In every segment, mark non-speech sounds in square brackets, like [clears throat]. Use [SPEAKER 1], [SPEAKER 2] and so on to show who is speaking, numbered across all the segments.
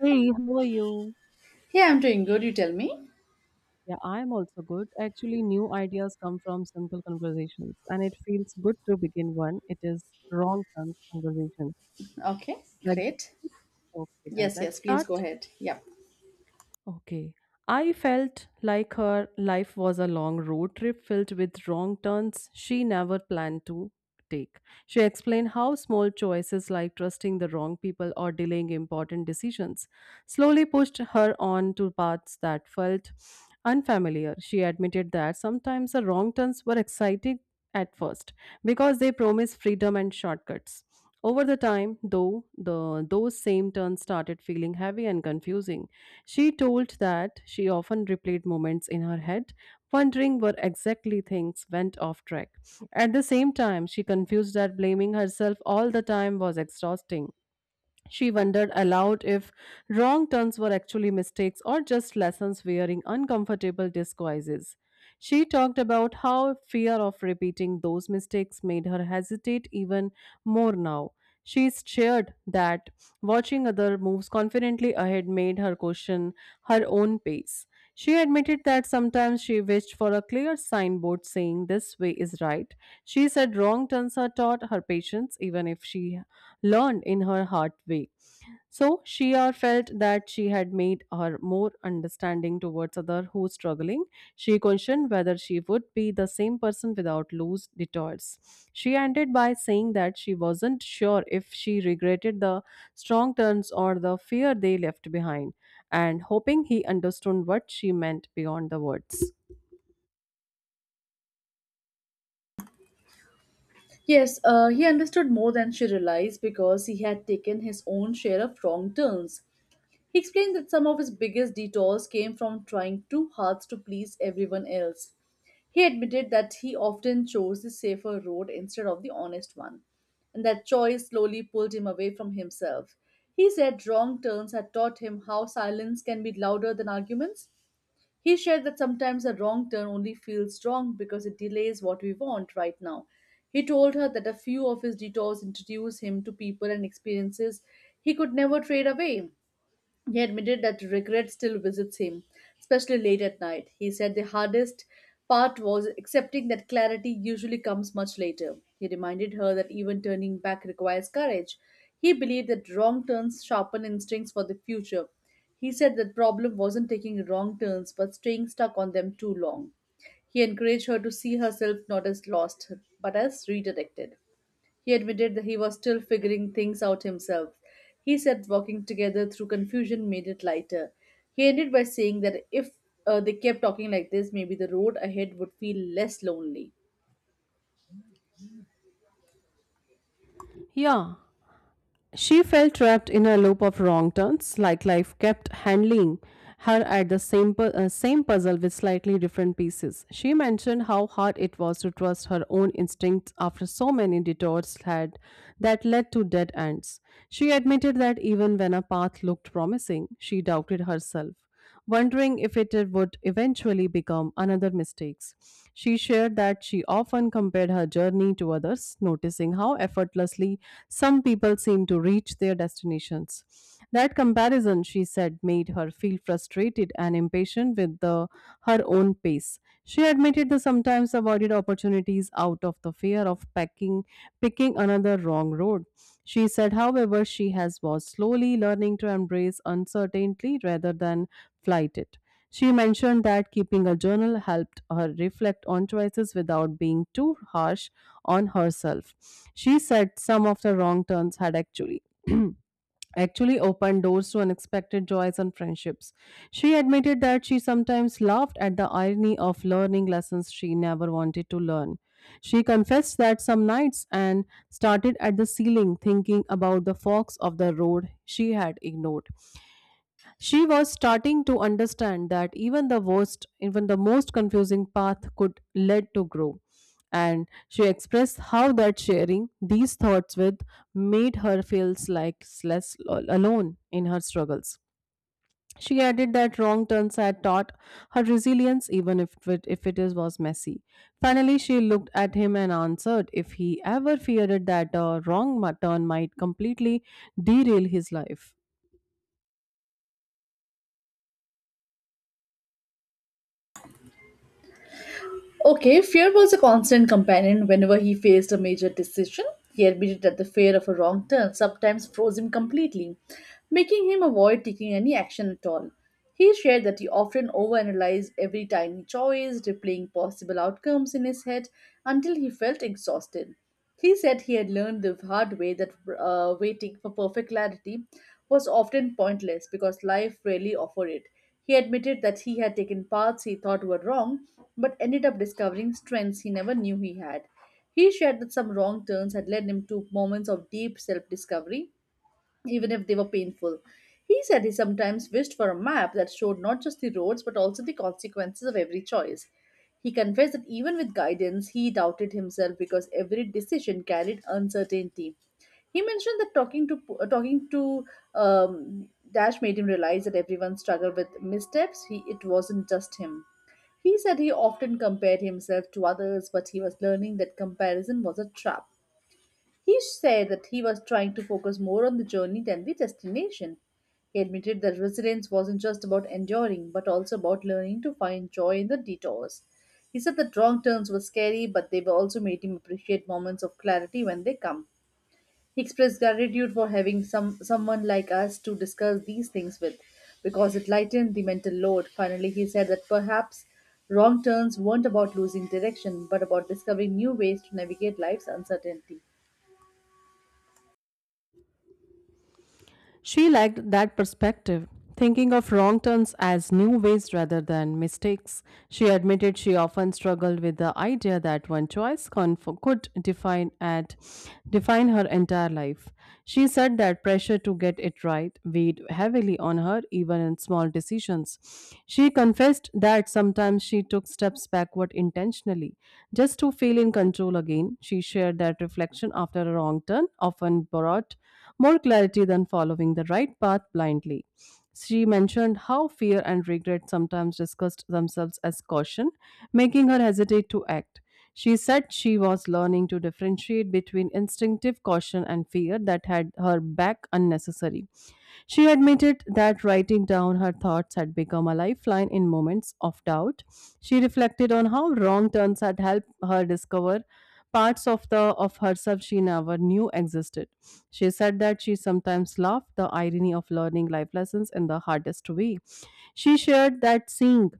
[SPEAKER 1] Hey, how are you?
[SPEAKER 2] Yeah, I'm doing good. You tell me.
[SPEAKER 1] Yeah, I'm also good. Actually, new ideas come from simple conversations, and it feels good to begin one. It is wrong turns conversation. So,
[SPEAKER 2] Okay,
[SPEAKER 1] like,
[SPEAKER 2] great.
[SPEAKER 1] okay, then
[SPEAKER 2] Yes,
[SPEAKER 1] let's
[SPEAKER 2] yes, please
[SPEAKER 1] start.
[SPEAKER 2] go ahead. Yep.
[SPEAKER 1] Okay. I felt like her life was a long road trip filled with wrong turns she never planned to take. She explained how small choices like trusting the wrong people or delaying important decisions slowly pushed her on to paths that felt unfamiliar. She admitted that sometimes the wrong turns were exciting at first because they promised freedom and shortcuts. Over the time, though, the those same turns started feeling heavy and confusing. She told that she often replayed moments in her head, wondering where exactly things went off track. At the same time, she confused that blaming herself all the time was exhausting. She wondered aloud if wrong turns were actually mistakes or just lessons wearing uncomfortable disguises. She talked about how fear of repeating those mistakes made her hesitate even more now. She shared that watching other moves confidently ahead made her question her own pace. She admitted that sometimes she wished for a clear signboard saying this way is right. She said wrong turns are taught her patience, even if she learned in her hard way. So she or felt that she had made her more understanding towards other who struggling. She questioned whether she would be the same person without loose detours. She ended by saying that she wasn't sure if she regretted the strong turns or the fear they left behind, and hoping he understood what she meant beyond the words.
[SPEAKER 2] Yes, he understood more than she realized because he had taken his own share of wrong turns. He explained that some of his biggest detours came from trying too hard to please everyone else. He admitted that he often chose the safer road instead of the honest one, and that choice slowly pulled him away from himself. He said wrong turns had taught him how silence can be louder than arguments. He shared that sometimes a wrong turn only feels wrong because it delays what we want right now. He told her that a few of his detours introduced him to people and experiences he could never trade away. He admitted that regret still visits him, especially late at night. He said the hardest part was accepting that clarity usually comes much later. He reminded her that even turning back requires courage. He believed that wrong turns sharpen instincts for the future. He said the problem wasn't taking wrong turns but staying stuck on them too long. He encouraged her to see herself not as lost but as redirected. He admitted that he was still figuring things out himself. He said walking together through confusion made it lighter. He ended by saying that if they kept talking like this, maybe the road ahead would feel less lonely.
[SPEAKER 1] Yeah, she felt trapped in a loop of wrong turns, like life kept handling her at the same puzzle with slightly different pieces. She mentioned how hard it was to trust her own instincts after so many detours had that led to dead ends. She admitted that even when a path looked promising, she doubted herself, wondering if it would eventually become another mistake. She shared that she often compared her journey to others, noticing how effortlessly some people seem to reach their destinations. That comparison, she said, made her feel frustrated and impatient with her own pace. She admitted that sometimes avoided opportunities out of the fear of picking another wrong road. She said, however, she has was slowly learning to embrace uncertainty rather than flight it. She mentioned that keeping a journal helped her reflect on choices without being too harsh on herself. She said some of the wrong turns had actually [clears throat] actually opened doors to unexpected joys and friendships. She admitted that she sometimes laughed at the irony of learning lessons she never wanted to learn. She confessed that some nights and started at the ceiling thinking about the fox of the road she had ignored. She was starting to understand that even the most confusing path could lead to growth. And she expressed how that sharing these thoughts with made her feel like less alone in her struggles. She added that wrong turns had taught her resilience, even if it was messy. Finally, she looked at him and answered if he ever feared that a wrong turn might completely derail his life.
[SPEAKER 2] Okay, fear was a constant companion whenever he faced a major decision. He admitted that the fear of a wrong turn sometimes froze him completely, making him avoid taking any action at all. He shared that he often overanalyzed every tiny choice, replaying possible outcomes in his head until he felt exhausted. He said he had learned the hard way that waiting for perfect clarity was often pointless because life rarely offered it. He admitted that he had taken paths he thought were wrong, but ended up discovering strengths he never knew he had. He shared that some wrong turns had led him to moments of deep self discovery, even if they were painful. He said he sometimes wished for a map that showed not just the roads but also the consequences of every choice. He confessed that even with guidance, he doubted himself because every decision carried uncertainty. He mentioned that talking to Dash made him realize that everyone struggled with missteps. It wasn't just him. He said he often compared himself to others, but he was learning that comparison was a trap. He said that he was trying to focus more on the journey than the destination. He admitted that resilience wasn't just about enduring, but also about learning to find joy in the detours. He said that wrong turns were scary, but they were also made him appreciate moments of clarity when they come. He expressed gratitude for having someone like us to discuss these things with, because it lightened the mental load. Finally, he said that perhaps wrong turns weren't about losing direction, but about discovering new ways to navigate life's uncertainty.
[SPEAKER 1] She liked that perspective. Thinking of wrong turns as new ways rather than mistakes, she admitted she often struggled with the idea that one choice could define her entire life. She said that pressure to get it right weighed heavily on her even in small decisions. She confessed that sometimes she took steps backward intentionally just to feel in control again. She shared that reflection after a wrong turn often brought more clarity than following the right path blindly. She mentioned how fear and regret sometimes discussed themselves as caution, making her hesitate to act. She said she was learning to differentiate between instinctive caution and fear that had her back unnecessary. She admitted that writing down her thoughts had become a lifeline in moments of doubt. She reflected on how wrong turns had helped her discover parts of herself she never knew existed. She said that she sometimes laughed the irony of learning life lessons in the hardest way. She shared that seeing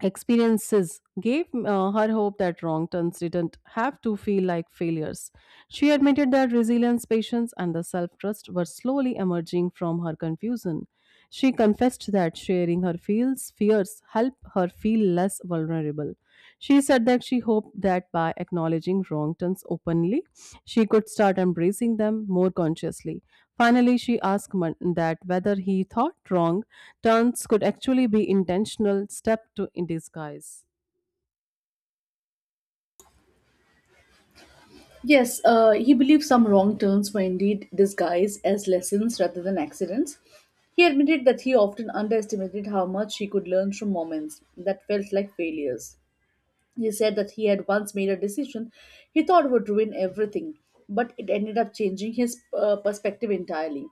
[SPEAKER 1] experiences gave her hope that wrong turns didn't have to feel like failures. She admitted that resilience, patience, and the self trust were slowly emerging from her confusion. She confessed that sharing her fears helped her feel less vulnerable. She said that she hoped that by acknowledging wrong turns openly, she could start embracing them more consciously. Finally, she asked that whether he thought wrong turns could actually be intentional step to in disguise.
[SPEAKER 2] Yes, he believes some wrong turns were indeed disguised as lessons rather than accidents. He admitted that he often underestimated how much he could learn from moments that felt like failures. He said that he had once made a decision he thought would ruin everything, but it ended up changing his perspective entirely.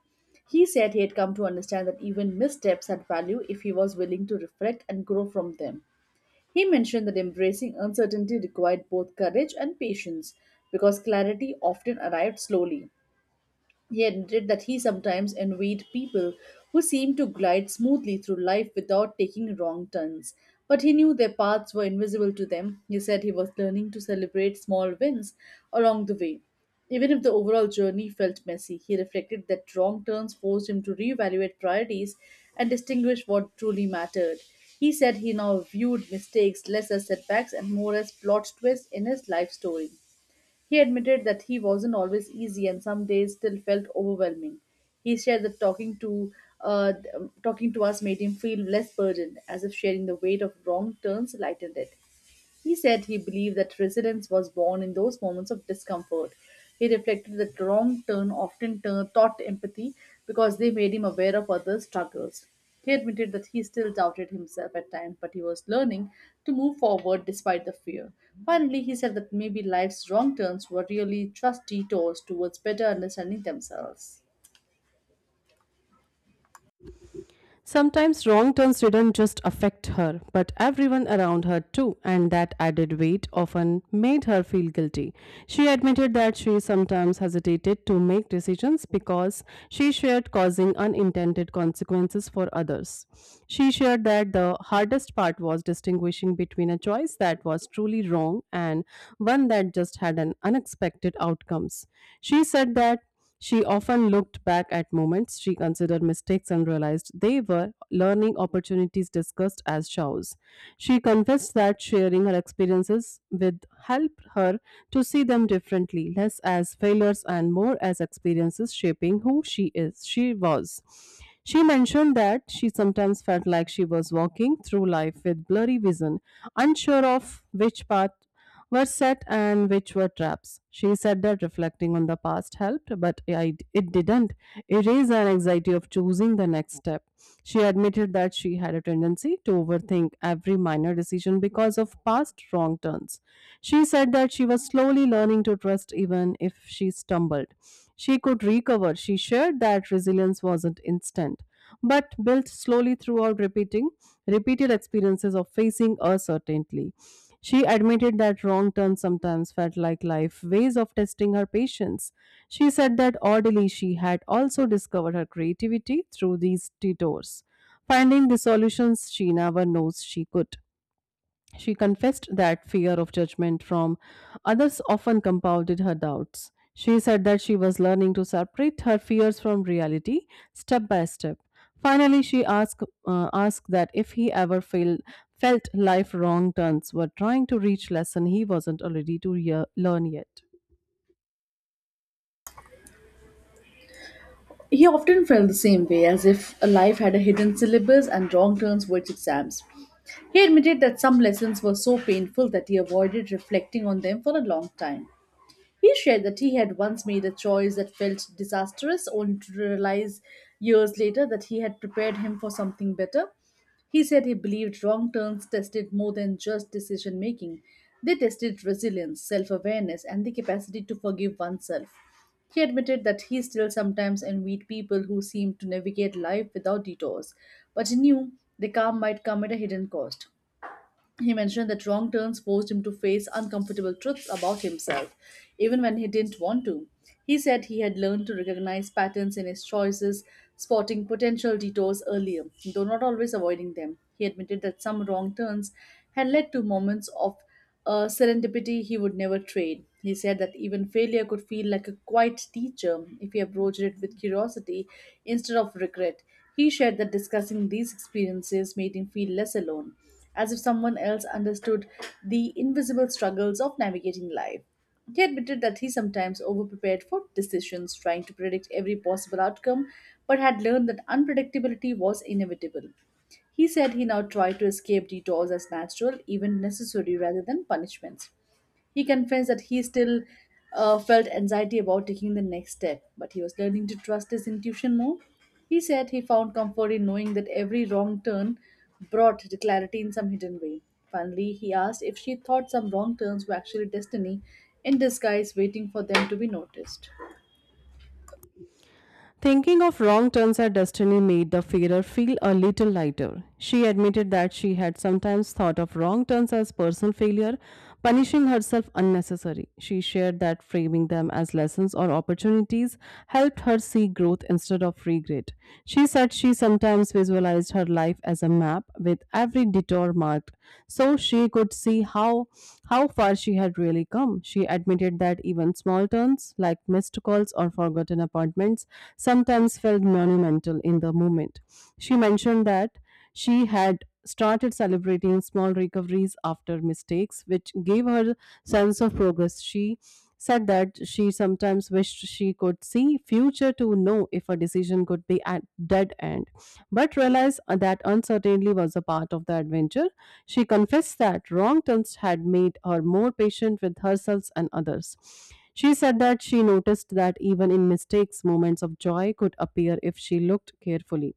[SPEAKER 2] He said he had come to understand that even missteps had value if he was willing to reflect and grow from them. He mentioned that embracing uncertainty required both courage and patience because clarity often arrived slowly. He admitted that he sometimes envied people who seemed to glide smoothly through life without taking wrong turns, but he knew their paths were invisible to them. He said he was learning to celebrate small wins along the way. Even if the overall journey felt messy, he reflected that wrong turns forced him to reevaluate priorities and distinguish what truly mattered. He said he now viewed mistakes less as setbacks and more as plot twists in his life story. He admitted that he wasn't always easy and some days still felt overwhelming. He shared that talking to us made him feel less burdened, as if sharing the weight of wrong turns lightened it. He said he believed that resilience was born in those moments of discomfort. He reflected that wrong turn often taught empathy because they made him aware of others' struggles. He admitted that he still doubted himself at times, but he was learning to move forward despite the fear. Finally, he said that maybe life's wrong turns were really just detours towards better understanding themselves.
[SPEAKER 1] Sometimes wrong turns didn't just affect her, but everyone around her too, and that added weight often made her feel guilty. She admitted that she sometimes hesitated to make decisions because she feared causing unintended consequences for others. She shared that the hardest part was distinguishing between a choice that was truly wrong and one that just had an unexpected outcomes. She said that she often looked back at moments she considered mistakes and realized they were learning opportunities discussed as chows. She confessed that sharing her experiences with helped her to see them differently, less as failures and more as experiences shaping who she was. She mentioned that she sometimes felt like she was walking through life with blurry vision, unsure of which path were set and which were traps. She said that reflecting on the past helped, but it didn't erase her anxiety of choosing the next step. She admitted that she had a tendency to overthink every minor decision because of past wrong turns. She said that she was slowly learning to trust, even if she stumbled. She could recover. She shared that resilience wasn't instant but built slowly throughout repeating repeated experiences of facing uncertainty. She admitted that wrong turns sometimes felt like life ways of testing her patience. She said that oddly, she had also discovered her creativity through these detours, finding the solutions she never knows she could. She confessed that fear of judgment from others often compounded her doubts. She said that she was learning to separate her fears from reality step by step. Finally, she asked that if he ever felt life wrong turns were trying to reach lesson he wasn't already to learn yet.
[SPEAKER 2] He often felt the same way, as if a life had a hidden syllabus and wrong turns were its exams. He admitted that some lessons were so painful that he avoided reflecting on them for a long time. He shared that he had once made a choice that felt disastrous, only to realize years later that he had prepared him for something better. He said he believed wrong turns tested more than just decision making. They tested resilience, self awareness, and the capacity to forgive oneself. He admitted that he still sometimes envied people who seemed to navigate life without detours, but he knew the calm might come at a hidden cost. He mentioned that wrong turns forced him to face uncomfortable truths about himself, even when he didn't want to. He said he had learned to recognize patterns in his choices, spotting potential detours earlier, though not always avoiding them. He admitted that some wrong turns had led to moments of serendipity he would never trade. He said that even failure could feel like a quiet teacher if he approached it with curiosity instead of regret. He shared that discussing these experiences made him feel less alone, as if someone else understood the invisible struggles of navigating life. He admitted that he sometimes overprepared for decisions, trying to predict every possible outcome, but had learned that unpredictability was inevitable. He said he now tried to escape detours as natural, even necessary, rather than punishments. He confessed that he still felt anxiety about taking the next step, but he was learning to trust his intuition more. He said he found comfort in knowing that every wrong turn brought the clarity in some hidden way. Finally, he asked if she thought some wrong turns were actually destiny in disguise, waiting for them to be noticed.
[SPEAKER 1] Thinking of wrong turns her destiny made the fairer feel a little lighter. She admitted that she had sometimes thought of wrong turns as personal failure, punishing herself unnecessary. She shared that framing them as lessons or opportunities helped her see growth instead of regret. She said she sometimes visualized her life as a map with every detour or marked, so she could see how far she had really come. She admitted that even small turns like missed calls or forgotten appointments sometimes felt monumental in the moment. She mentioned that she had started celebrating small recoveries after mistakes, which gave her sense of progress. She said that she sometimes wished she could see future to know if a decision could be at dead end, but realized that uncertainty was a part of the adventure. She confessed that wrong turns had made her more patient with herself and others. She said that she noticed that even in mistakes moments of joy could appear if she looked carefully.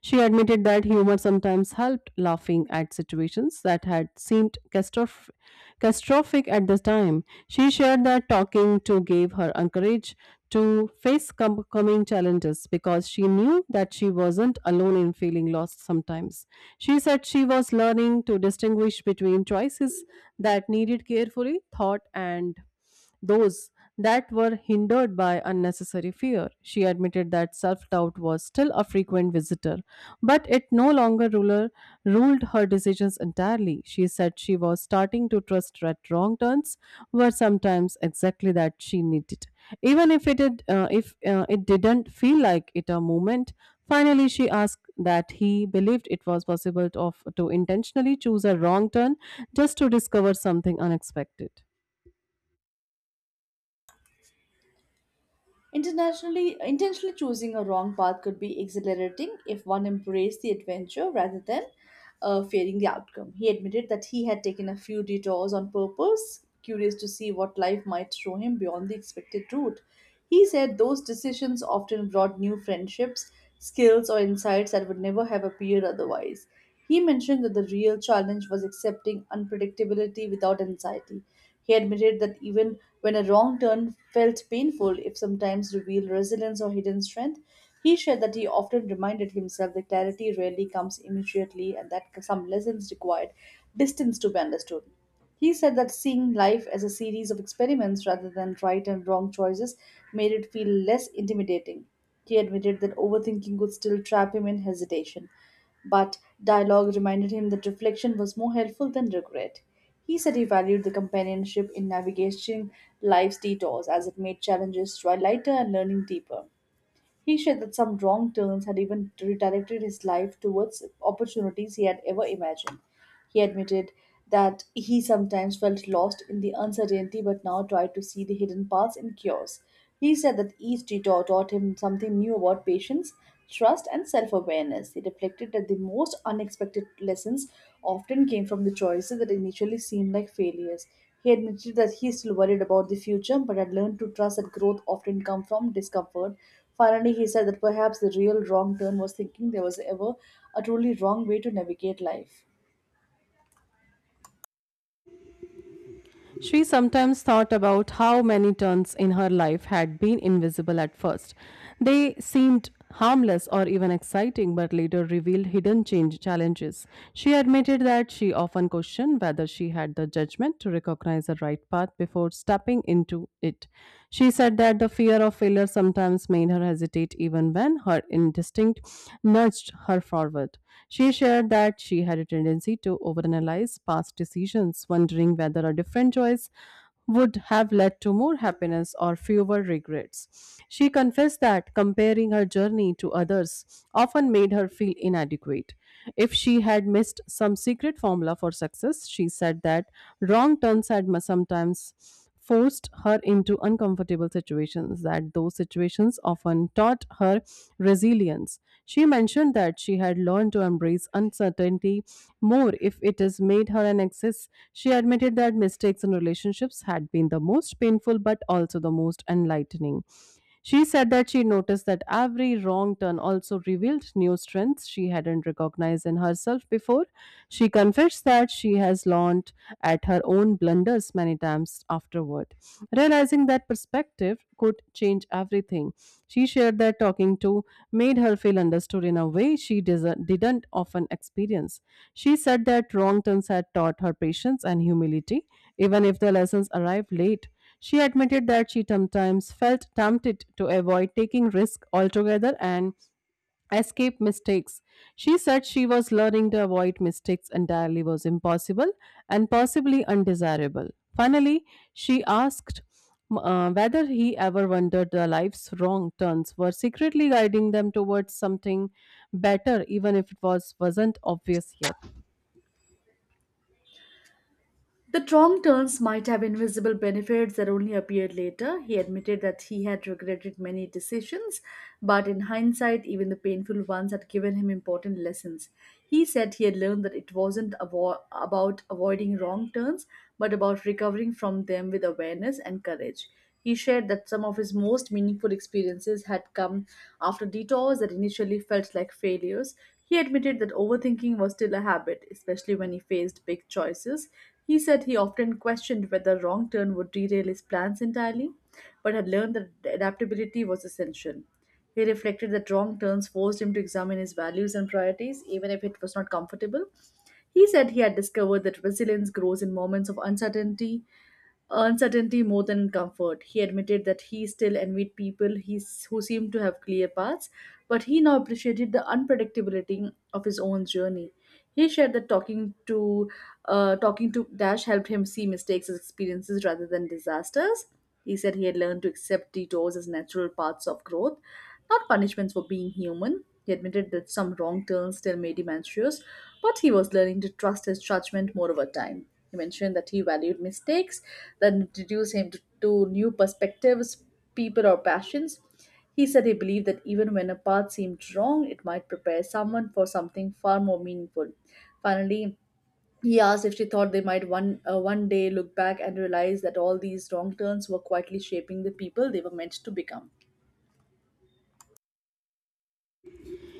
[SPEAKER 1] She admitted that humor sometimes helped, laughing at situations that had seemed catastrophic at the time. She shared that talking to gave her courage to face coming challenges because she knew that she wasn't alone in feeling lost sometimes. She said she was learning to distinguish between choices that needed carefully thought and those that were hindered by unnecessary fear. She admitted that self doubt was still a frequent visitor, but it no longer ruled her decisions entirely. She said she was starting to trust that wrong turns were sometimes exactly that she needed. Even if it didn't feel like it a moment, finally she asked that he believed it was possible to intentionally choose a wrong turn just to discover something unexpected.
[SPEAKER 2] Intentionally choosing a wrong path could be exhilarating if one embraced the adventure rather than fearing the outcome. He admitted that he had taken a few detours on purpose, curious to see what life might throw him beyond the expected route. He said those decisions often brought new friendships, skills, or insights that would never have appeared otherwise. He mentioned that the real challenge was accepting unpredictability without anxiety. He admitted that even when a wrong turn felt painful, if sometimes revealed resilience or hidden strength. He shared that he often reminded himself that clarity rarely comes immediately and that some lessons required distance to be understood. He said that seeing life as a series of experiments rather than right and wrong choices made it feel less intimidating. He admitted that overthinking could still trap him in hesitation, but dialogue reminded him that reflection was more helpful than regret. He said he valued the companionship in navigating life's detours as it made challenges try lighter and learning deeper. He shared that some wrong turns had even redirected his life towards opportunities he had ever imagined. He admitted that he sometimes felt lost in the uncertainty but now tried to see the hidden paths and cures. He said that each detour taught him something new about patience, trust, and self awareness. He reflected that the most unexpected lessons often came from the choices that initially seemed like failures. He admitted that he is still worried about the future but had learned to trust that growth often comes from discomfort. Finally, he said that perhaps the real wrong turn was thinking there was ever a truly wrong way to navigate life.
[SPEAKER 1] She sometimes thought about how many turns in her life had been invisible at first. They seemed harmless or even exciting, but later revealed hidden change challenges. She admitted that she often questioned whether she had the judgment to recognize the right path before stepping into it. She said that the fear of failure sometimes made her hesitate even when her instinct nudged her forward effort. She shared that she had a tendency to overanalyze past decisions, wondering whether a different choice would have led to more happiness or fewer regrets. She confessed that comparing her journey to others often made her feel inadequate. If she had missed some secret formula for success, she said that wrong turns sometimes forced her into uncomfortable situations, that those situations often taught her resilience. She mentioned that she had learned to embrace uncertainty more if it has made her an access. She admitted that mistakes in relationships had been the most painful but also the most enlightening. She said that she noticed that every wrong turn also revealed new strengths she hadn't recognized in herself before. She confessed that she has learned at her own blunders many times afterward. Realizing that perspective could change everything, she shared that talking to made her feel understood in a way didn't often experience. She said that wrong turns had taught her patience and humility, even if the lessons arrived late. She admitted that she sometimes felt tempted to avoid taking risks altogether and escape mistakes. She said she was learning to avoid mistakes entirely was impossible and possibly undesirable. Finally, she asked whether he ever wondered their life's wrong turns were secretly guiding them towards something better, even if it was wasn't obvious yet.
[SPEAKER 2] The wrong turns might have invisible benefits that only appeared later. He admitted that he had regretted many decisions, but in hindsight, even the painful ones had given him important lessons. He said he had learned that it wasn't about avoiding wrong turns, but about recovering from them with awareness and courage. He shared that some of his most meaningful experiences had come after detours that initially felt like failures. He admitted that overthinking was still a habit, especially when he faced big choices. He said he often questioned whether a wrong turn would derail his plans entirely, but had learned that adaptability was essential. He reflected that wrong turns forced him to examine his values and priorities, even if it was not comfortable. He said he had discovered that resilience grows in moments of uncertainty, uncertainty more than comfort. He admitted that he still envied who seemed to have clear paths, but he now appreciated the unpredictability of his own journey. He shared that talking to Dash helped him see mistakes as experiences rather than disasters. He said he had learned to accept detours as natural paths of growth, not punishments for being human. He admitted that some wrong turns still made him anxious, but he was learning to trust his judgment more over time. He mentioned that he valued mistakes that introduced him to new perspectives, people, or passions. He said he believed that even when a path seemed wrong, it might prepare someone for something far more meaningful. Finally, he asked if she thought they might one day look back and realize that all these wrong turns were quietly shaping the people they were meant to become.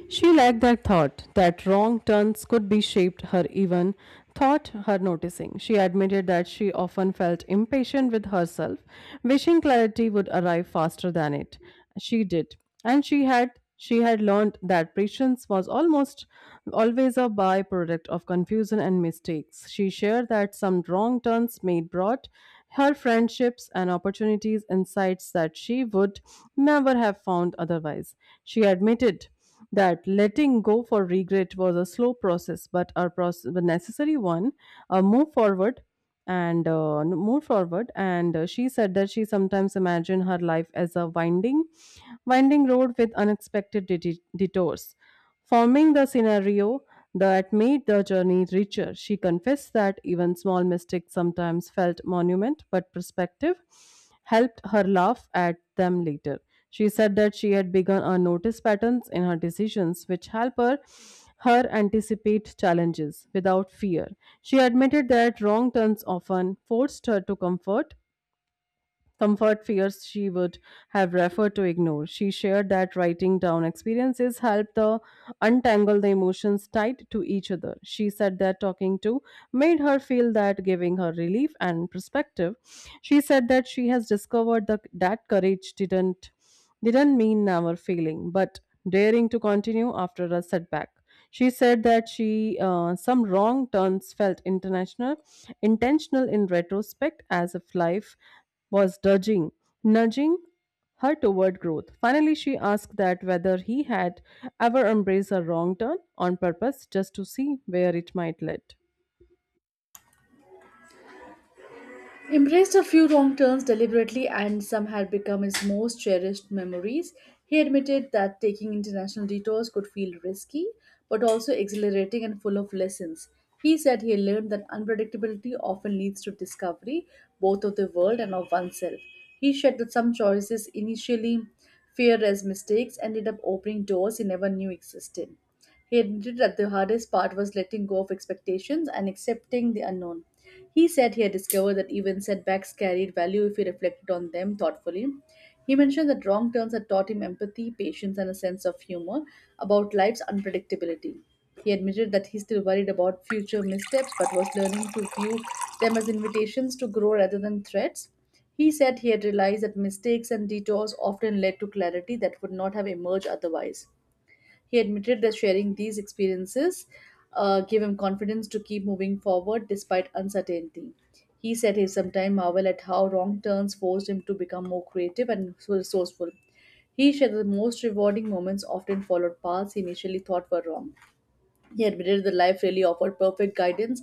[SPEAKER 1] She liked that thought, that wrong turns could be shaped her even thought her noticing. She admitted that she often felt impatient with herself, wishing clarity would arrive faster than it. She did. And she had learned that patience was almost always a byproduct of confusion and mistakes. She shared that some wrong turns made brought her friendships and opportunities insights that she would never have found otherwise. She admitted that letting go for regret was a slow process but a process a necessary one a move forward and move forward and she said that she sometimes imagine her life as a winding road with unexpected detours forming the scenario that made the journey richer. She confessed that even small mistakes sometimes felt monument, but perspective helped her laugh at them later. She said that she had begun a notice patterns in her decisions, which help her anticipate challenges without fear. She admitted that wrong turns often forced her to comfort fears she would have referred to ignore. She shared that writing down experiences helped the untangle the emotions tied to each other. She said that talking to made her feel that giving her relief and perspective. She said that she has discovered that courage didn't mean never failing, but daring to continue after a setback. She said that she some wrong turns felt intentional in retrospect, as if life was dodging, nudging her toward growth. Finally, she asked that whether he had ever embraced a wrong turn on purpose just to see where it might lead.
[SPEAKER 2] Embraced a few wrong turns deliberately and some had become his most cherished memories. He admitted that taking international detours could feel risky, but also exhilarating and full of lessons. He said he learned that unpredictability often leads to discovery, both of the world and of oneself. He shared that some choices initially feared as mistakes ended up opening doors he never knew existed. He admitted that the hardest part was letting go of expectations and accepting the unknown. He said he had discovered that even setbacks carried value if he reflected on them thoughtfully. He mentioned that wrong turns had taught him empathy, patience, and a sense of humor about life's unpredictability. He admitted that he still worried about future missteps but was learning to view them as invitations to grow rather than threats. He said he had realized that mistakes and detours often led to clarity that would not have emerged otherwise. He admitted that sharing these experiences gave him confidence to keep moving forward despite uncertainty. He said he sometimes marveled at how wrong turns forced him to become more creative and resourceful. He shared that the most rewarding moments often followed paths he initially thought were wrong. He admitted that life really offered perfect guidance,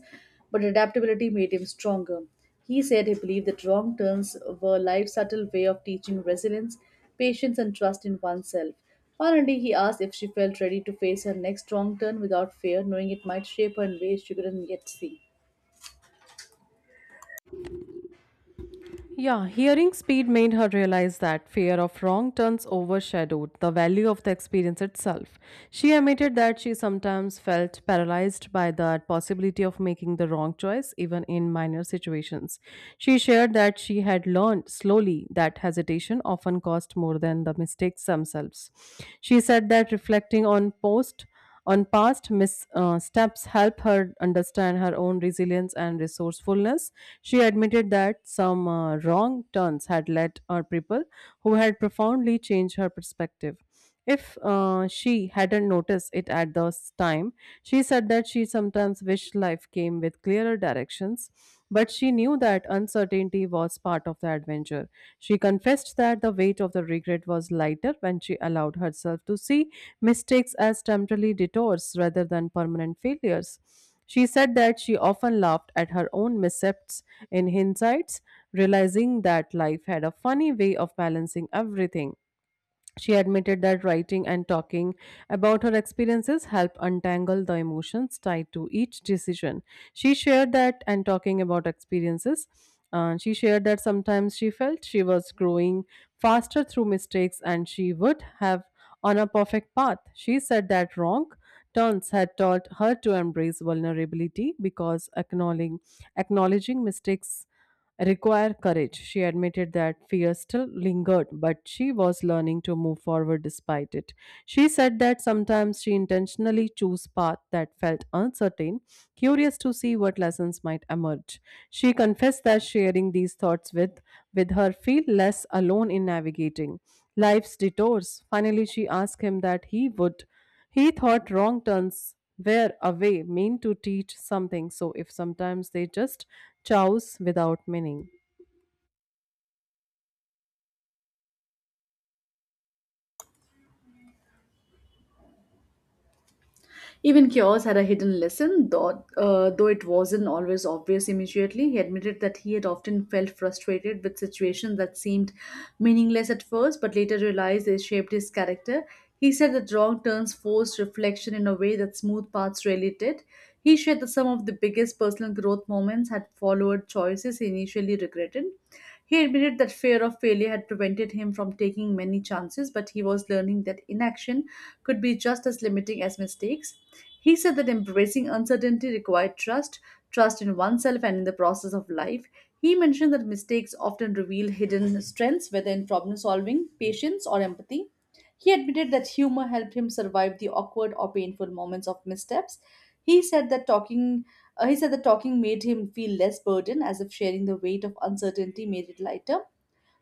[SPEAKER 2] but adaptability made him stronger. He said he believed that wrong turns were life's subtle way of teaching resilience, patience, and trust in oneself. Finally, he asked if she felt ready to face her next wrong turn without fear, knowing it might shape her in ways she couldn't yet see.
[SPEAKER 1] Yeah, hearing speed made her realize that fear of wrong turns overshadowed the value of the experience itself. She admitted that she sometimes felt paralyzed by the possibility of making the wrong choice, even in minor situations. She shared that she had learned slowly that hesitation often cost more than the mistakes themselves. She said that reflecting on post on past missteps help her understand her own resilience and resourcefulness. She admitted that some wrong turns had led her people who had profoundly changed her perspective. If She hadn't noticed it at the time, she said that she sometimes wished life came with clearer directions but she knew that uncertainty was part of the adventure. She confessed that the weight of the regret was lighter when she allowed herself to see mistakes as temporary detours rather than permanent failures. She said that she often laughed at her own missteps in hindsight, realizing that life had a funny way of balancing everything. She admitted that writing and talking about her experiences help untangle the emotions tied to each decision. She shared that and talking about experiences. She shared that sometimes she felt she was growing faster through mistakes and she would have on a perfect path. She said that wrong turns had taught her to embrace vulnerability because acknowledging mistakes require courage. She admitted that fear still lingered, but she was learning to move forward despite it. She said that sometimes she intentionally chose paths that felt uncertain, curious to see what lessons might emerge. She confessed that sharing these thoughts with her feel less alone in navigating life's detours. Finally, she asked him that he thought wrong turns were a way meant to teach something, so if sometimes they just chows without meaning.
[SPEAKER 2] Even Chaos had a hidden lesson, though it wasn't always obvious immediately. He admitted that he had often felt frustrated with situations that seemed meaningless at first, but later realized they shaped his character. He said that wrong turns forced reflection in a way that smooth paths rarely did. He shared that some of the biggest personal growth moments had followed choices he initially regretted. He admitted that fear of failure had prevented him from taking many chances, but he was learning that inaction could be just as limiting as mistakes. He said that embracing uncertainty required trust, trust in oneself and in the process of life. He mentioned that mistakes often reveal hidden strengths, whether in problem solving, patience, or empathy. He admitted that humor helped him survive the awkward or painful moments of missteps. He said that talking he said that talking made him feel less burdened, as if sharing the weight of uncertainty made it lighter.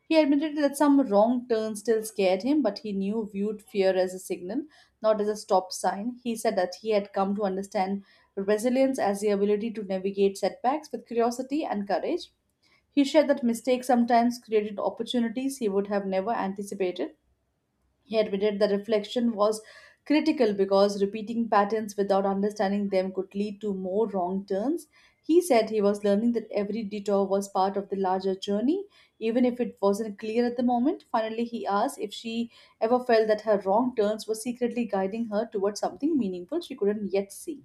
[SPEAKER 2] He admitted that some wrong turns still scared him, but he knew viewed fear as a signal, not as a stop sign. He said that he had come to understand resilience as the ability to navigate setbacks with curiosity and courage. He shared that mistakes sometimes created opportunities he would have never anticipated. He admitted the reflection was critical because repeating patterns without understanding them could lead to more wrong turns. He said he was learning that every detour was part of the larger journey, even if it wasn't clear at the moment. Finally, he asked if she ever felt that her wrong turns were secretly guiding her towards something meaningful she couldn't yet see.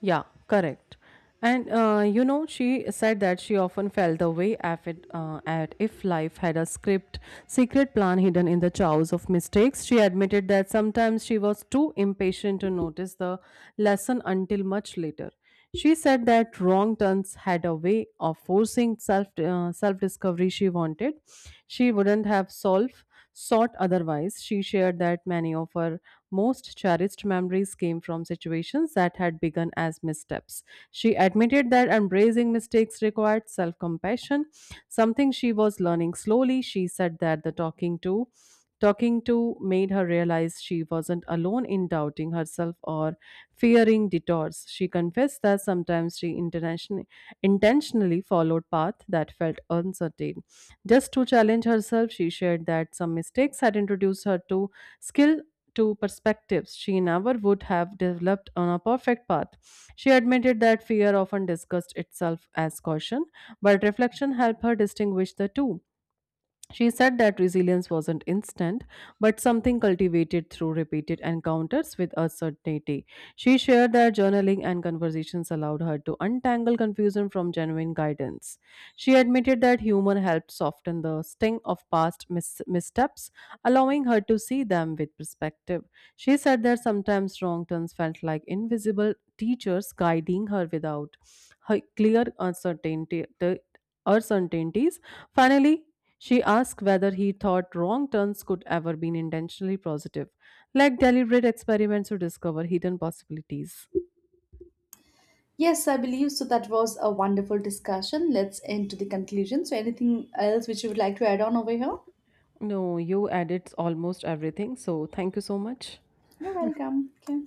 [SPEAKER 1] Yeah, correct. And you know, she said that she often felt the way if it, at if life had a script, secret plan hidden in the chows of mistakes. She admitted that sometimes she was too impatient to notice the lesson until much later. She said that wrong turns had a way of forcing self discovery she wanted. She wouldn't have solved sought otherwise. She shared that many of her most cherished memories came from situations that had begun as missteps. She admitted that embracing mistakes required self compassion, something she was learning slowly. She said that the talking to talking to made her realize she wasn't alone in doubting herself or fearing detours. She confessed that sometimes intentionally followed paths that felt uncertain. Just to challenge herself, she shared that some mistakes had introduced her to skill to perspectives she never would have developed on a perfect path. She admitted that fear often discussed itself as caution, but reflection helped her distinguish the two. She said that resilience wasn't instant, but something cultivated through repeated encounters with uncertainty. She shared that journaling and conversations allowed her to untangle confusion from genuine guidance. She admitted that humor helped soften the sting of missteps, allowing her to see them with perspective. She said that sometimes wrong turns felt like invisible teachers guiding her without her clear uncertainty. The uncertainties. Finally, she asked whether he thought wrong turns could ever be intentionally positive, like deliberate experiments to discover hidden possibilities.
[SPEAKER 2] Yes, I believe so. That was a wonderful discussion. Let's end to the conclusion. So, anything else which you would like to add on over here?
[SPEAKER 1] No, you added almost everything, so thank you so much.
[SPEAKER 2] You're welcome. Okay.